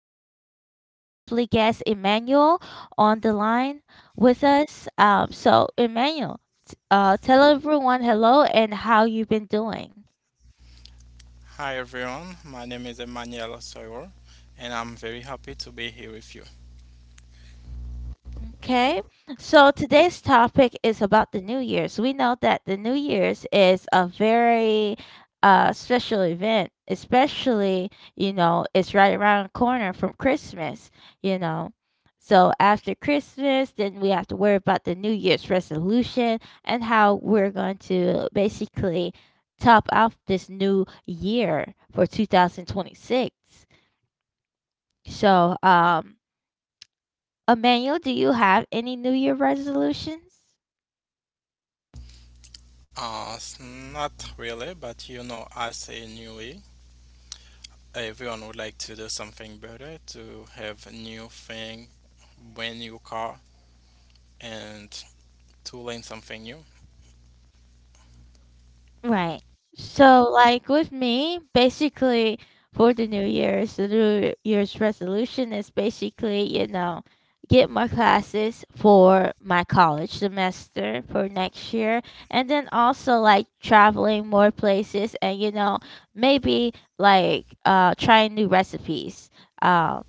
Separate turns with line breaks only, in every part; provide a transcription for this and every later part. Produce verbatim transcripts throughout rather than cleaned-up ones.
and I have my lovely guest, Emmanuel, on the line with us. Um, so, Emmanuel, t- uh, tell everyone hello and how you've been doing.
Hi everyone, my name is Emmanuel Soyer and I'm very happy to be here with you.
Okay, so today's topic is about the New Year's. We know that the New Year's is a very uh, special event, especially, you know, it's right around the corner from Christmas, you know. So after Christmas, then we have to worry about the New Year's resolution and how we're going to basically top off this new year for two thousand twenty-six. So, um, Emmanuel, do you have any New Year resolutions?
Uh, Not really, but you know, as a newbie, everyone would like to do something better, to have a new thing, brand new car, and to learn something new.
Right. So, like with me, basically for the New Year's, the New Year's resolution is basically, you know, get more classes for my college semester for next year, and then also like traveling more places, and you know, maybe like uh trying new recipes. Um,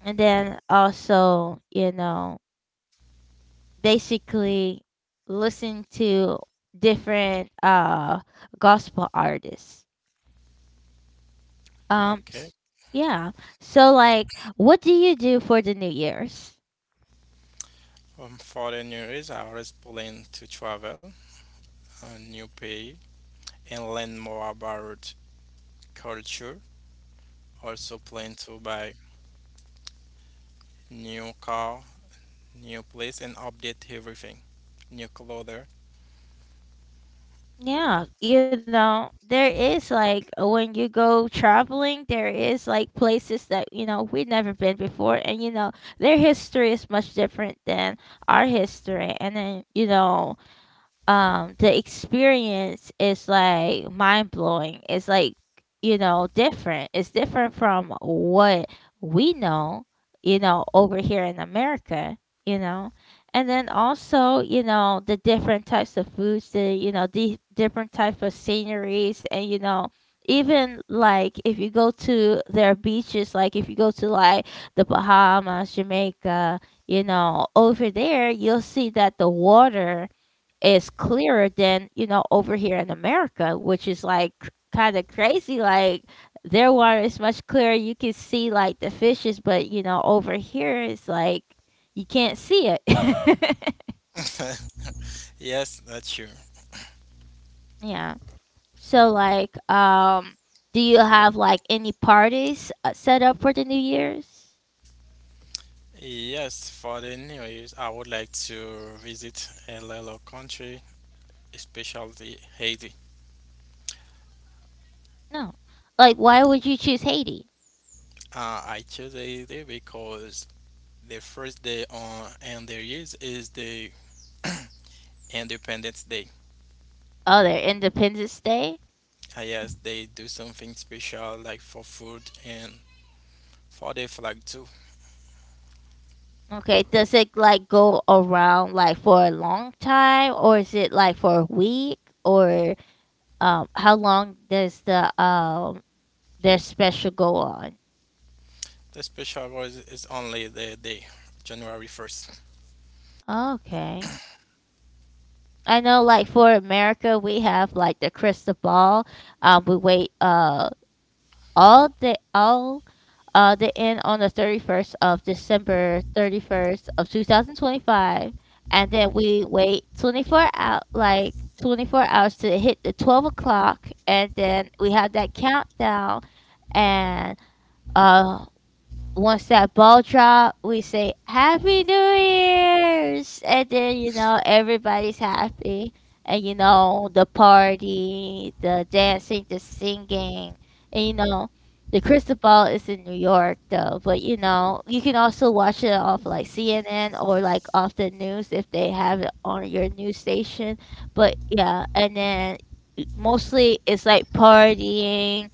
and then also, you know, basically listen to different uh gospel artists. Um
Okay.
s- yeah. So like what do you do for the New Year's?
Um, for the newbies, I always plan to travel a new pays and learn more about culture. Also plan to buy new car, new place, and update everything. New clothes.
Yeah, you know, there is like when you go traveling, there is like places that, you know, we've never been before, and you know, their history is much different than our history. And then, you know, um the experience is like mind blowing. It's like, you know, different. It's different from what we know, you know, over here in America, you know. And then also, you know, the different types of foods, the you know, the different types of sceneries, and you know, even like if you go to their beaches, like if you go to like the Bahamas, Jamaica, you know, over there you'll see that the water is clearer than you know over here in America, which is like kind of crazy. Like their water is much clearer; you can see like the fishes, but you know over here it's like you can't see it.
Yes, that's true.
Yeah. So like, um, do you have like any parties uh, set up for the New Year's?
Yes, for the New Year's, I would like to visit a little country, especially Haiti.
No. Like, why would you choose Haiti?
Uh, I chose Haiti because the first day on and their years is the Independence Day.
Oh, their Independence Day.
Uh, yes, they do something special like for food and for the flag too.
Okay, does it like go around like for a long time, or is it like for a week, or um how long does the um their special go on?
The special was is only the day, January first.
Okay. I know like for America we have like the crystal ball. Um we wait uh all the all uh they end on the thirty-first of December, thirty-first of two thousand twenty-five, and then we wait twenty-four out, like twenty-four hours, to hit the twelve o'clock, and then we have that countdown, and uh once that ball drop, we say Happy New Year's. And then you know everybody's happy, and you know the party, the dancing, the singing. And you know the crystal ball is in New York though, but you know you can also watch it off like C N N, or like off the news if they have it on your news station. But yeah, and then mostly it's like partying.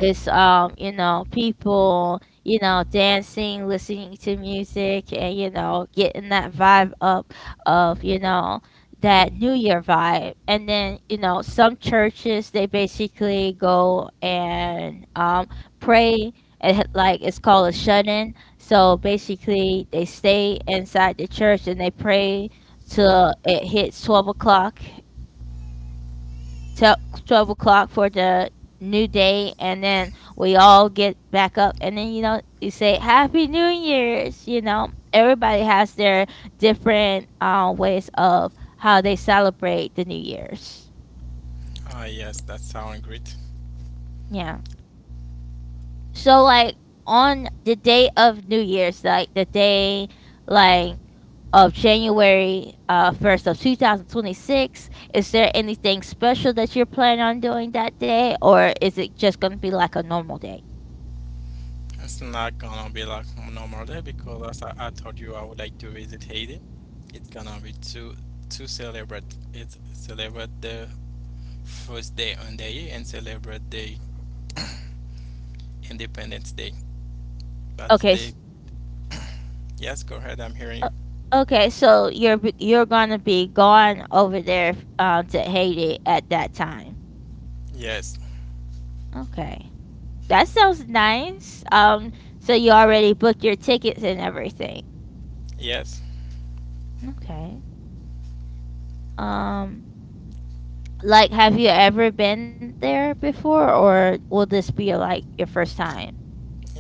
It's um, you know, people, you know, dancing, listening to music, and you know, getting that vibe up of, you know, that New Year vibe. And then, you know, some churches they basically go and um pray, and h- like it's called a shut-in. So basically they stay inside the church and they pray till it hits twelve o'clock, 12, twelve o'clock for the new day. And then we all get back up, and then you know you say Happy New Year's. You know everybody has their different uh, ways of how they celebrate the New Year's.
Ah, yes, that sounds great.
Yeah. So like on the day of New Year's, like the day, like of January uh, first of two thousand twenty-six, is there anything special that you're planning on doing that day, or is it just going to be like a normal day?
It's not gonna be like normal day because as I, I told you, I would like to visit Haiti. It's gonna be to to celebrate it celebrate the first day on the year and celebrate the Independence Day. That's
Okay. s-
the Yes. Go ahead, I'm hearing you.
o- Okay, so you're b- you're gonna be gone over there f- uh, to Haiti at that time.
Yes,
Okay, that sounds nice. Um, so you already booked your tickets and everything.
yes,
Okay. Um, like, have you ever been there before, or will this be like your first time?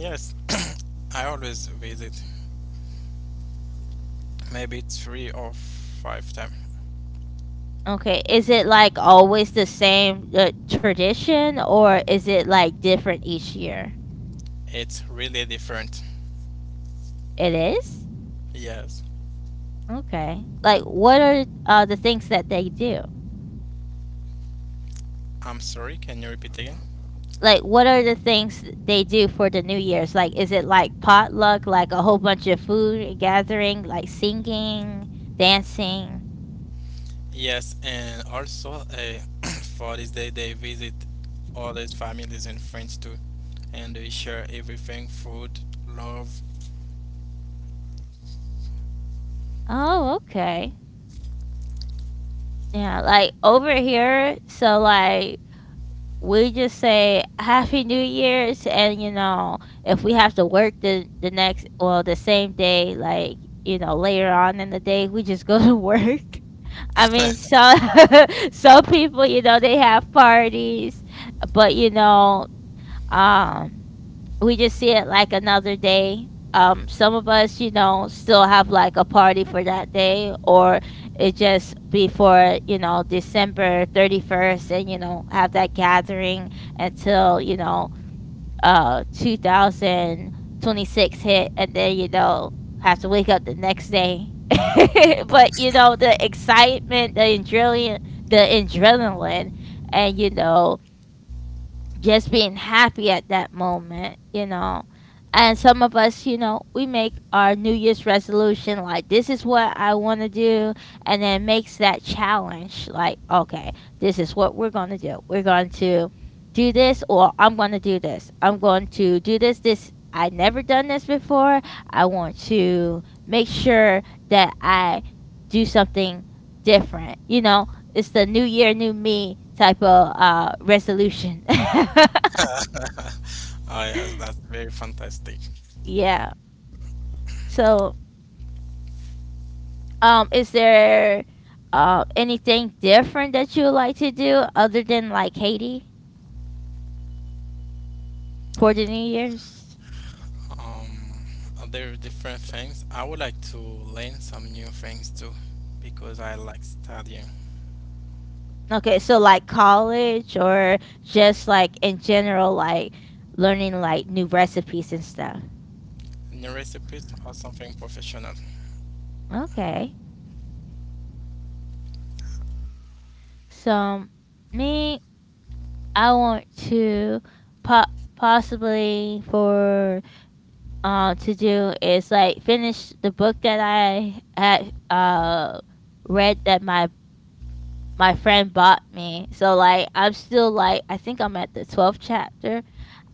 yes. I always visit maybe three or five times.
Okay, is it like always the same uh, tradition, or is it like different each year?
It's really different.
It is.
Yes.
Okay. Like, what are uh, the things that they do?
I'm sorry. Can you repeat again?
Like, what are the things they do for the New Year's? Like, is it like potluck, like a whole bunch of food gathering, like singing, dancing?
Yes, and also uh, for this day they visit all these families and friends too, and they share everything, food, love.
Oh, okay. Yeah, like over here, so like we just say Happy New Year's. And you know, if we have to work the the next, well, the same day, like you know, later on in the day, we just go to work. I mean, some some people, you know, they have parties, but you know, um, we just see it like another day. Um, some of us, you know, still have like a party for that day, or it just be for you know December thirty-first, and you know have that gathering until you know uh two thousand twenty-six hit, and then you know have to wake up the next day, but you know the excitement, the adrenaline the adrenaline, and you know just being happy at that moment, you know. And some of us, you know, we make our New Year's resolution like, this is what I want to do. And then makes that challenge like, okay, this is what we're going to do. We're going to do this, or I'm going to do this. I'm going to do this. This, I never done this before. I want to make sure that I do something different. You know it's the new year, new me type of uh, resolution.
Oh, yes, that's very fantastic.
Yeah. So, um, is there uh, anything different that you would like to do other than like Haiti for the New Year's?
Um, there are different things. I would like to learn some new things too, because I like studying
Okay, so like college or just like in general, like learning like new recipes and stuff.
new recipes or something professional.
Okay. So me, I want to po- possibly for um, to do is like finish the book that I had uh read that my my friend bought me. So like I'm still like I think I'm at the twelfth chapter,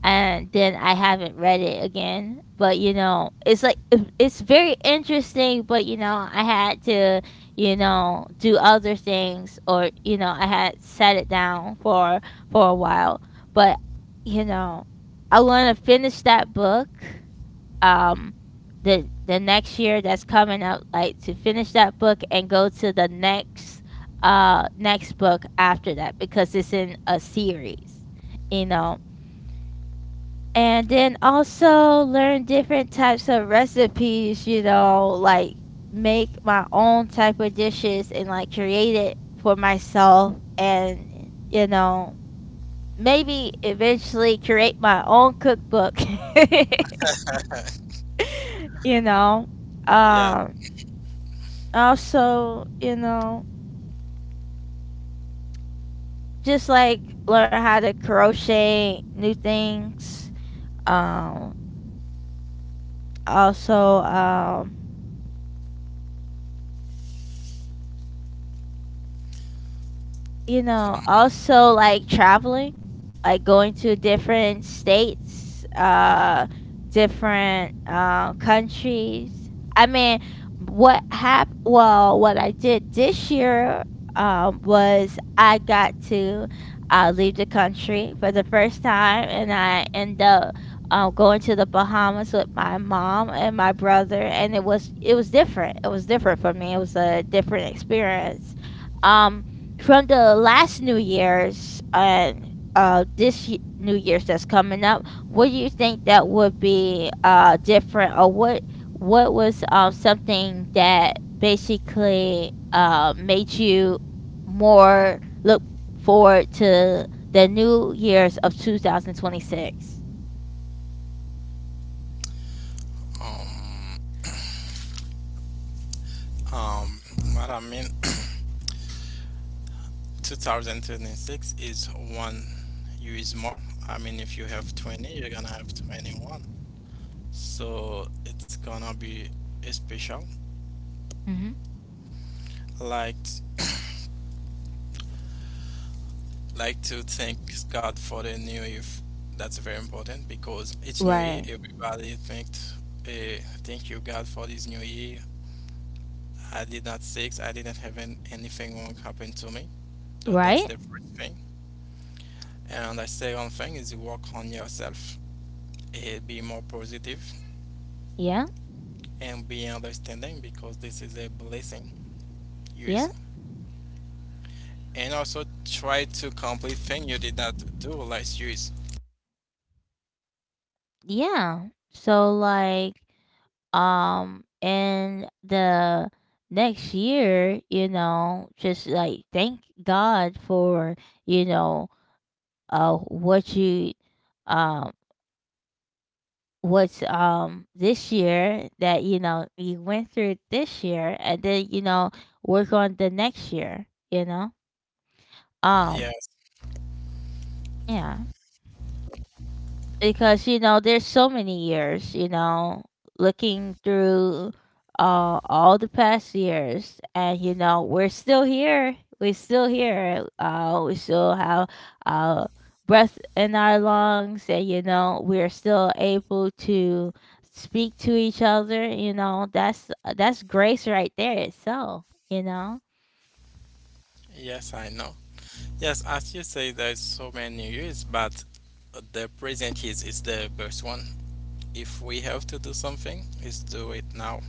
and then I haven't read it again. But you know, it's like it- it's very interesting, but you know, I had to, you know, do other things, or you know, I had set it down for for a while. But you know, I want to finish that book, um the the next year that's coming up, like to finish that book and go to the next uh next book after that, because it's in a series you know and then also learn different types of recipes, you know like make my own type of dishes, and like create it for myself. And you know maybe eventually create my own cookbook. you know
Yeah.
um Also, you know, just like learn how to crochet new things. Um, Also, um, you know,
Um.
also like traveling, like going to different states, uh, different uh, countries. I mean, what hap- well, what I did this year um, was I got to uh, leave the country for the first time, and I end up um, going to the Bahamas with my mom and my brother, and it was it was different. It was different for me. It was a different experience. Um, from the last New Year's and uh, this y- New Year's that's coming up, what do you think that would be uh, different, or what what was um, something that basically uh, made you more look forward to the New Year's of two thousand twenty-six?
Um. Um. What I mean. two thousand twenty-six is one year is more. I mean, if you have twenty, you're gonna have twenty-one. So it's gonna be a special.
Mm-hmm.
Like, like to thank God for the new year. f- That's very important because each new year,
Right.
everybody thanked, uh, thank you God for this new year. I did not sick. I didn't have an, anything wrong happen to me. That, that's
Right.
the first thing. And the second thing is you work on yourself. Uh, be more positive
Yeah.
and be understanding because this is a blessing years.
Yeah.
And also try to complete thing you did not do last years.
Yeah. So like um and the next year, you know just like thank God for, you know uh what you, um what's um this year that, you know you went through it this year, and then you know work on the next year you know um
Yes,
yeah, because you know there's so many years, you know looking through uh, all the past years. And you know we're still here we're still here uh, we still have uh, breath in our lungs. And you know we're still able to speak to each other you know that's that's grace right there itself, you know.
yes, I know. Yes, as you say, there's so many years, but the present years is the best one. If we have to do something, let's do it now.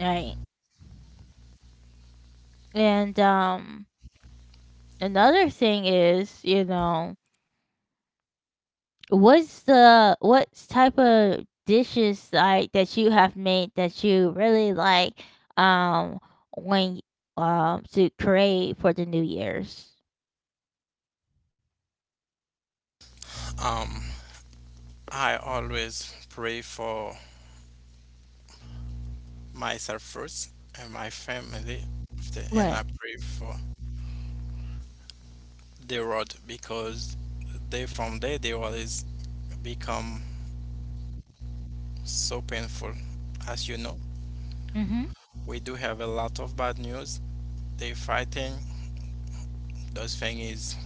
Right. And um another thing is, you know what's the what type of dishes like that you have made that you really like, um when um to create for the New Year's?
Um, I always pray for myself first and my family, after, and
Right.
I pray for the road because they from there they always become so painful. As you know,
Mhm.
we do have a lot of bad news. They fighting. Those thing is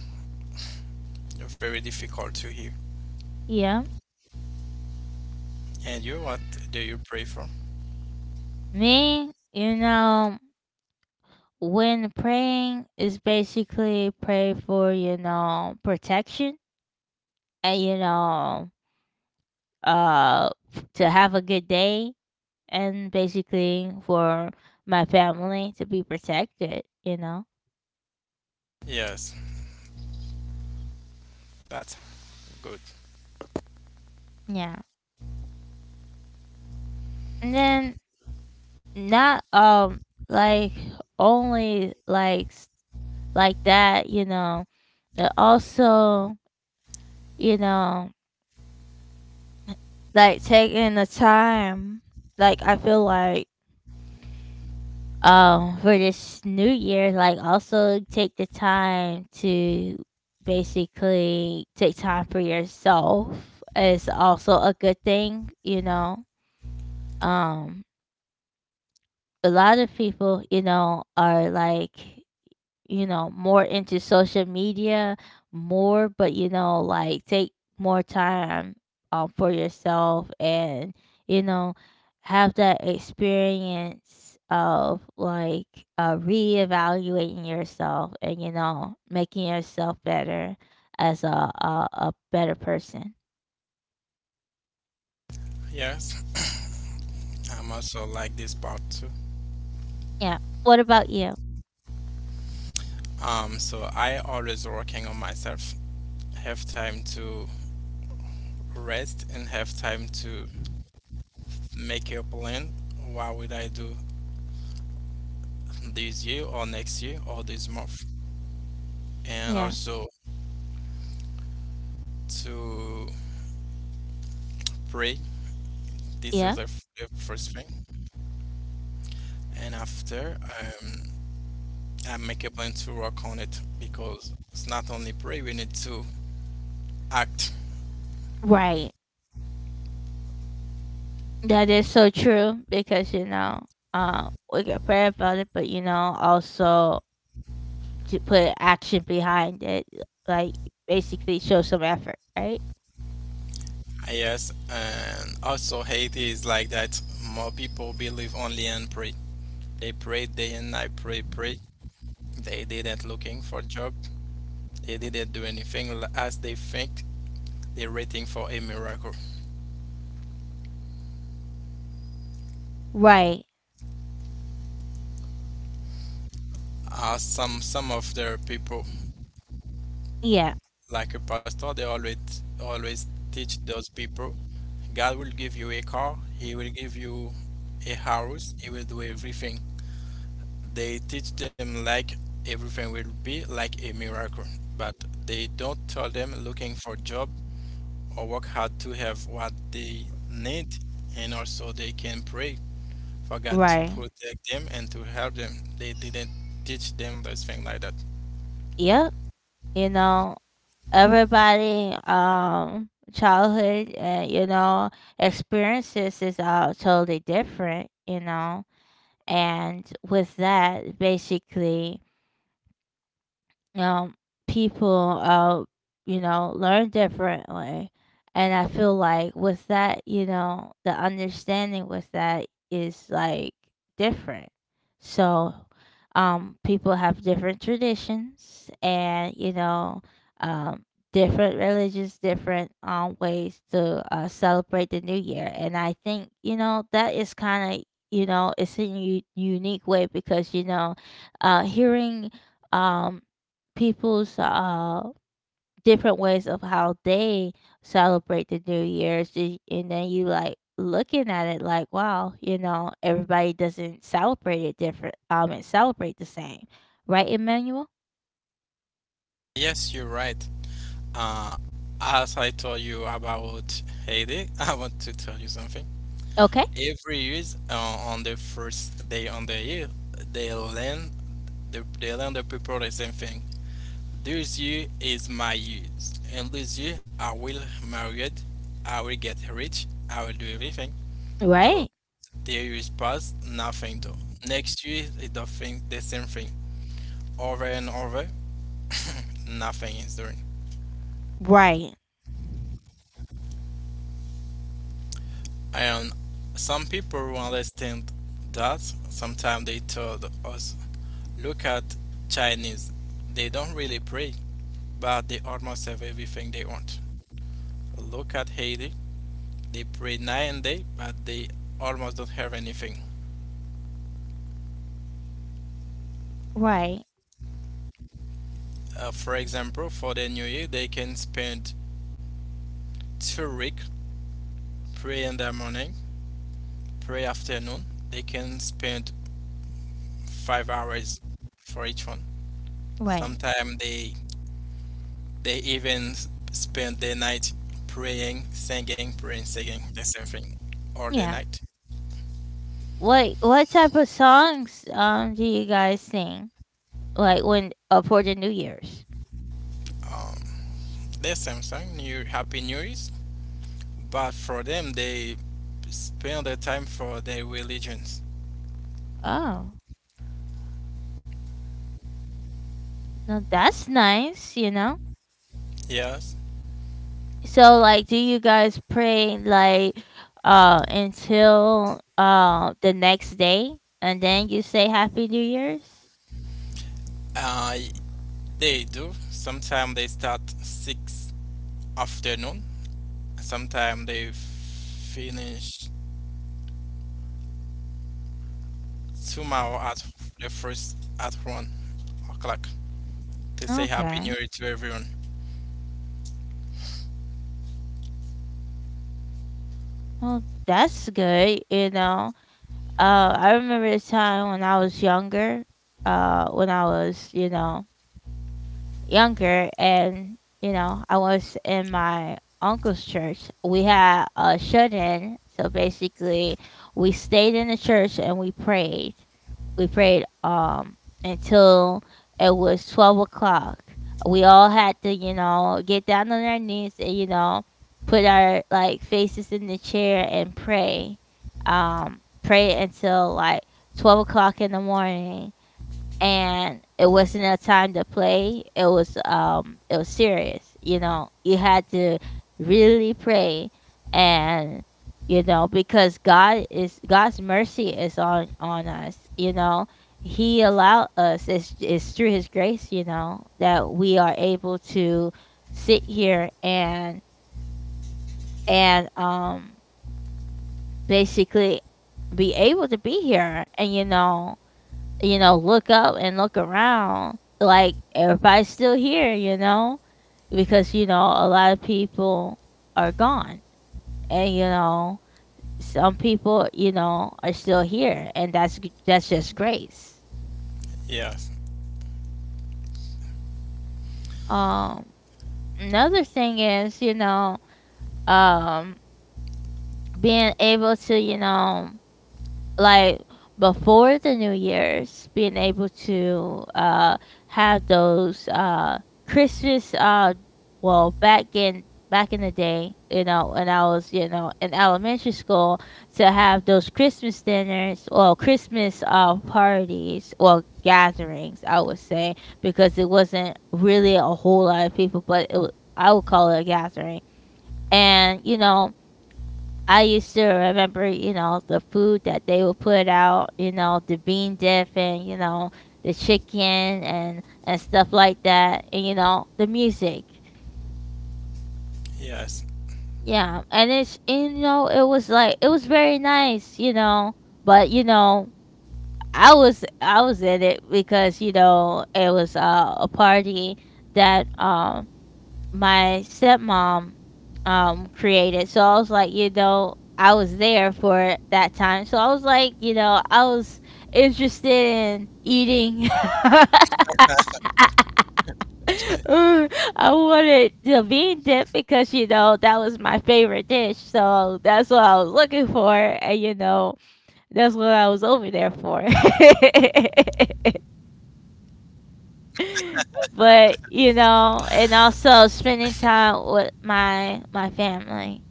very difficult to hear.
Yeah.
And you, what do you pray for?
Me, you know, when praying is basically pray for, you know, protection, and you know, uh to have a good day, and basically for my family to be protected, you know.
Yes, that's good.
Yeah. And then not um like only like s- like that, you know, but also, you know, like taking the time, like I feel like um for this new year, like also take the time to basically take time for yourself is also a good thing, you know. Um a lot of people, you know, are like you know, more into social media more, but, you know, like, take more time, um, for yourself and, you know, have that experience of, like, uh, reevaluating yourself and, you know, making yourself better as a a a better person.
Yes, I'm also like this part too.
Yeah. What about you?
Um, so I always working on myself. Have time to rest and have time to make a plan. What would I do this year or next year or this month? And
Yeah.
also to pray. This is the
Yeah.
f- the first thing. And after, um, I make a plan to work on it because it's not only pray, we need to act.
Right. That is so true because, you know, um, we get prayer about it, but, you know, also to put action behind it, like basically show some effort, right?
Yes, and also Haiti is like that. More people believe only in pray. They pray day and night, pray, pray. They didn't looking for job. They didn't do anything l- as they think. They're waiting for a miracle.
Right.
Uh, some some of their people
Yeah,
like a pastor, they always always teach those people, God will give you a car, he will give you a house, he will do everything. They teach them like everything will be like a miracle, but they don't tell them looking for job or work hard to have what they need and also they can pray for God to
right.
protect them and to help them. They didn't teach them those things like that.
Yep. You know, everybody um childhood and you know, experiences is all totally different, you know. And with that, basically um, people, uh, you know, learn differently. And I feel like with that, you know, the understanding with that is like different. So, um, people have different traditions and, you know, um, different religions, different um, ways to uh, celebrate the new year. And I think, you know, that is kind of, you know, it's a u- unique way because, you know, uh, hearing um people's uh different ways of how they celebrate the New Year's, y- and then you like looking at it like, wow, you know, everybody doesn't celebrate it different, um, and celebrate the same, right, Emmanuel?
Yes, you're right. Uh, as I told you about Haiti, I want to tell you something.
Okay,
Every year, uh, on the first day on the year, they learn the they learn the people the same thing. This year is my year, and this year I will marry it. I will get rich. I will do everything. Though
right,
the years pass, nothing though. Next year is the thing, the same thing, over and over. Nothing is doing.
right,
And some people who understand that, sometimes they told us, look at Chinese, they don't really pray, but they almost have everything they want. Look at Haiti, they pray night and day, but they almost don't have anything.
right,
Uh, for example, for the New Year, they can spend two weeks pray in the morning, pray afternoon. They can spend five hours for each one.
right.
Sometimes they They even spend their night praying, singing, praying, singing the same thing all the
Yeah.
night.
What what type of songs um do you guys sing like when uh, for the New Year's?
Um, the same song, New Happy New Year's. But for them, they spend the time for their religions.
Oh, no, that's nice. You know.
Yes,
So like do you guys pray like uh until uh the next day and then you say happy new year's?
uh, they do. Sometimes they start six afternoon. Sometimes they finish tomorrow at the first at one o'clock to say Happy New
Okay.
Year to everyone.
Well, that's good, you know. Uh I remember a time when I was younger, uh when I was, you know, younger and you know I was in my uncle's church. We had a shut-in, so basically we stayed in the church and we prayed we prayed um until it was twelve o'clock. We all had to, you know, get down on our knees and, you know, put our like faces in the chair and pray, um pray until like twelve o'clock in the morning. And it wasn't a time to play. It was um it was serious, you know. You had to really pray. And you know, because God is God's mercy is on on us, you know. He allowed us. it's, it's through his grace, you know, that we are able to sit here and and um basically be able to be here and you know, you know, look up and look around, like everybody's still here, you know, because you know a lot of people are gone, and you know some people, you know, are still here, and that's g- that's just grace.
Yes,
Um, another thing is, you know, um, being able to, you know, like before the new year's, being able to uh have those uh Christmas uh well, back in back in the day, you know, when I was, you know, in elementary school, to have those Christmas dinners or Christmas uh parties or gatherings, I would say, because it wasn't really a whole lot of people, but it wa- I would call it a gathering. And you know, I used to remember, you know, the food that they would put out, you know, the bean dip and, you know, the chicken and and stuff like that and you know, the music.
yes.
Yeah, and it's and, you know, it was like it was very nice, you know, but you know, I was I was in it because, you know, it was uh, a party that um my stepmom um created. So I was like, you know, I was there for that time. So I was like, you know, I was interested in eating. Ooh, I wanted the bean dip because you know that was my favorite dish. So that's what I was looking for, and you know that's what I was over there for. But you know and also spending time with my my family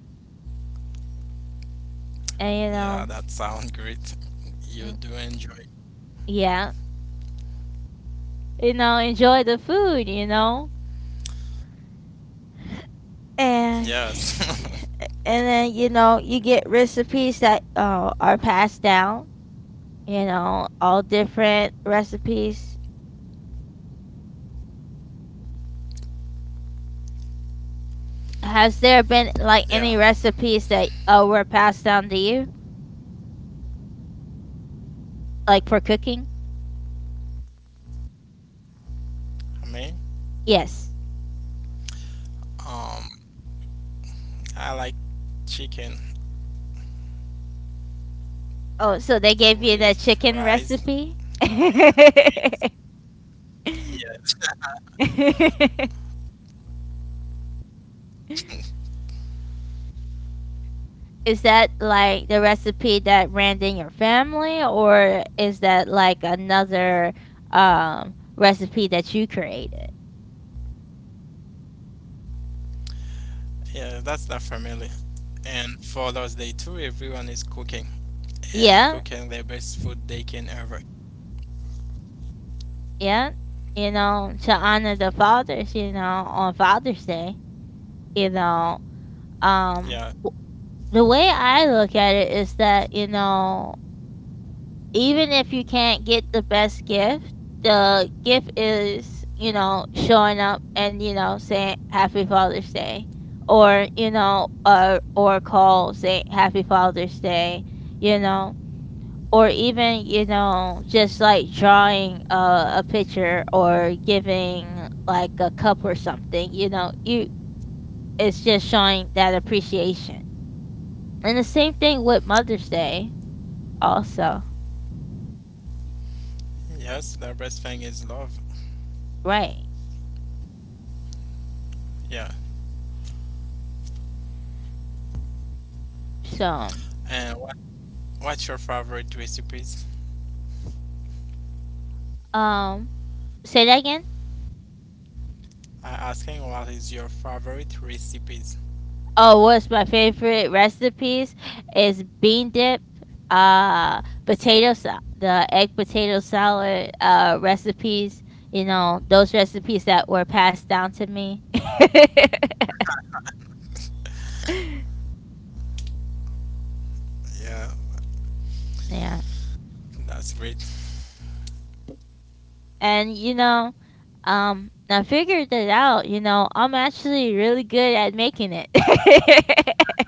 Yeah, that sounds great. You do
and you
enjoy.
know, mm, yeah, you know, enjoy the food, you know.
Yes.
And and then you know you get recipes that uh, are passed down, you know, all different recipes.
Yeah,
Has there been like any recipes that uh, were passed down to you like for cooking?
I mean, Um,
Yes.
I like chicken with rice.
Oh, so they gave you the chicken
Beef.
recipe?
Yes.
Is that like the recipe that ran in your family, or is that like another um, recipe that you created?
Yeah, that's the family. And for those day too, everyone is cooking and cooking the best food they can ever.
Yeah, yeah. You know, to honor the fathers, you know, on Father's Day, you
Yeah.
know, um, w- the way I look at it is that, you know, even if you can't get the best gift, the gift is, you know, showing up and, you know, saying happy Father's Day or, you know, uh, or call, say happy Father's Day, you know, or even, you know, just like drawing a, a picture or giving like a cup or something, you know, you, it's just showing that appreciation. And the same thing with Mother's Day also.
Yes, the best thing is love.
Right.
Yeah. And
So,
what, what's your favorite recipes?
um. Say that again.
I asking what is your favorite recipes?
Oh, what's my favorite recipes is bean dip, uh, potato salad, the egg potato salad uh recipes. You know those recipes that were passed down to me.
Yeah,
Yeah,
that's great.
and you know, um, I figured it out. You know, I'm actually really good at making it.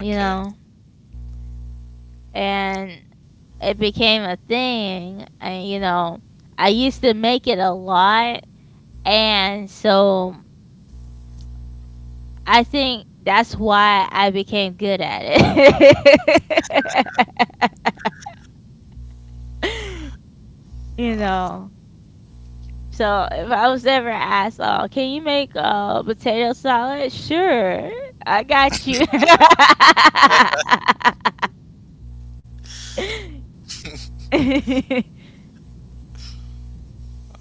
You know, and it became a thing. And, you know, I used to make it a lot. And so I think that's why I became good at it.
Uh,
You know, so if I was ever asked, oh, can you make uh, potato salad? Sure, I got you.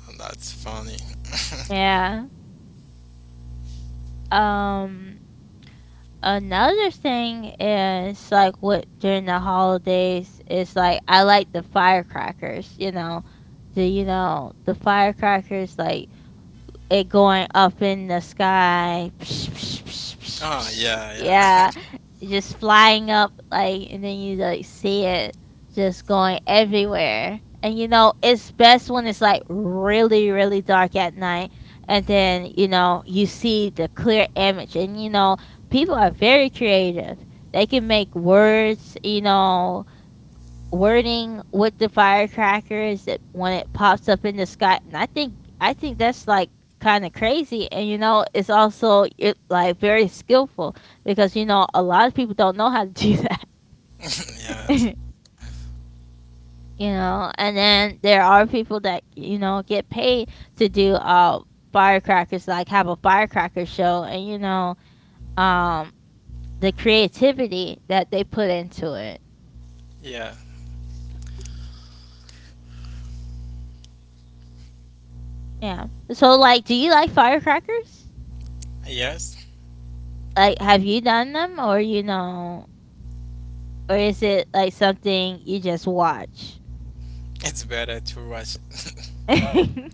That's funny.
Yeah. Um, another thing is like what during the holidays is like I like the firecrackers, you know. The you know, the firecrackers like it going up in the sky.
Ah, yeah, yeah.
Yeah, just flying up like, and then you like see it just going everywhere. And you know, it's best when it's like really, really dark at night, and then you know you see the clear image. And you know, people are very creative. They can make words, you know, wording with the firecrackers that when it pops up in the sky, and I think I think that's like kind of crazy and you know it's also it like very skillful because you know a lot of people don't know how to do that. You know and then there are people that you know get paid to do uh firecrackers, like have a firecracker show and you know, um the creativity that they put into it.
Yeah, yeah.
Yeah. So like do you like firecrackers?
Yes,
Like, have you done them or you know, or is it like something you just watch?
it's better to watch.
um,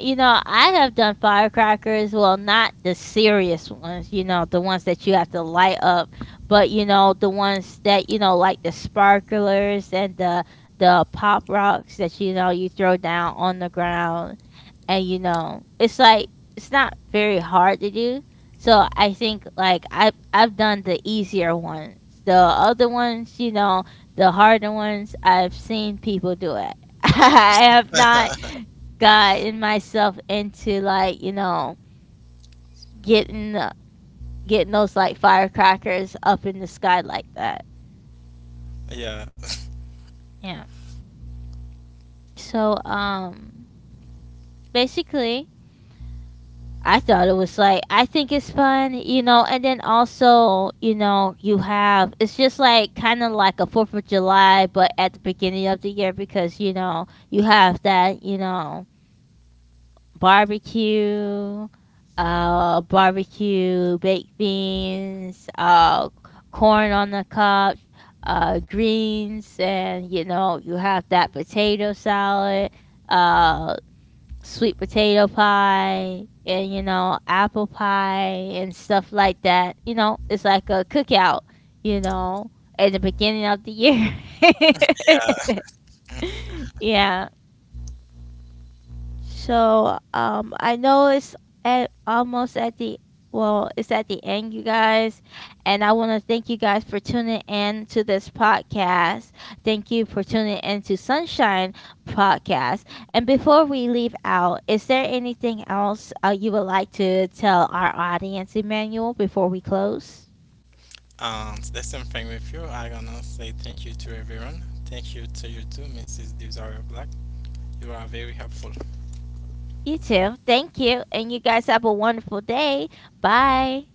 you know, I have done firecrackers. Well, not the serious ones, you know, the ones that you have to light up, but you know, the ones that you know, like the sparklers and the the pop rocks that you know you throw down on the ground and you know it's like it's not very hard to do. So I think like i've i've done the easier ones. The other ones, you know, the harder ones, I've seen people do it. I have not gotten myself into like you know getting the- getting those like firecrackers up in the sky like that.
Yeah,
Yeah. So um, basically I thought it was like I think it's fun, you know, and then also, you know, you have it's just like kind of like a fourth of July but at the beginning of the year because, you know, you have that, you know, barbecue, uh barbecue, baked beans, uh corn on the cob, uh greens and you know, you have that potato salad, uh sweet potato pie and you know apple pie and stuff like that, you know, it's like a cookout, you know, at the beginning of the year.
yeah.
Yeah. So um, I know it's at almost at the well, it's at the end, you guys, and I want to thank you guys for tuning in to this podcast. Thank you for tuning in to Sunshine Podcast. And before we leave out, is there anything else uh, you would like to tell our audience, Emmanuel, before we close?
Um, that's something with you. I gonna say thank you to everyone. Thank you to you too, Missus Desire Black. You are very helpful.
You too. Thank you, and you guys have a wonderful day. Bye.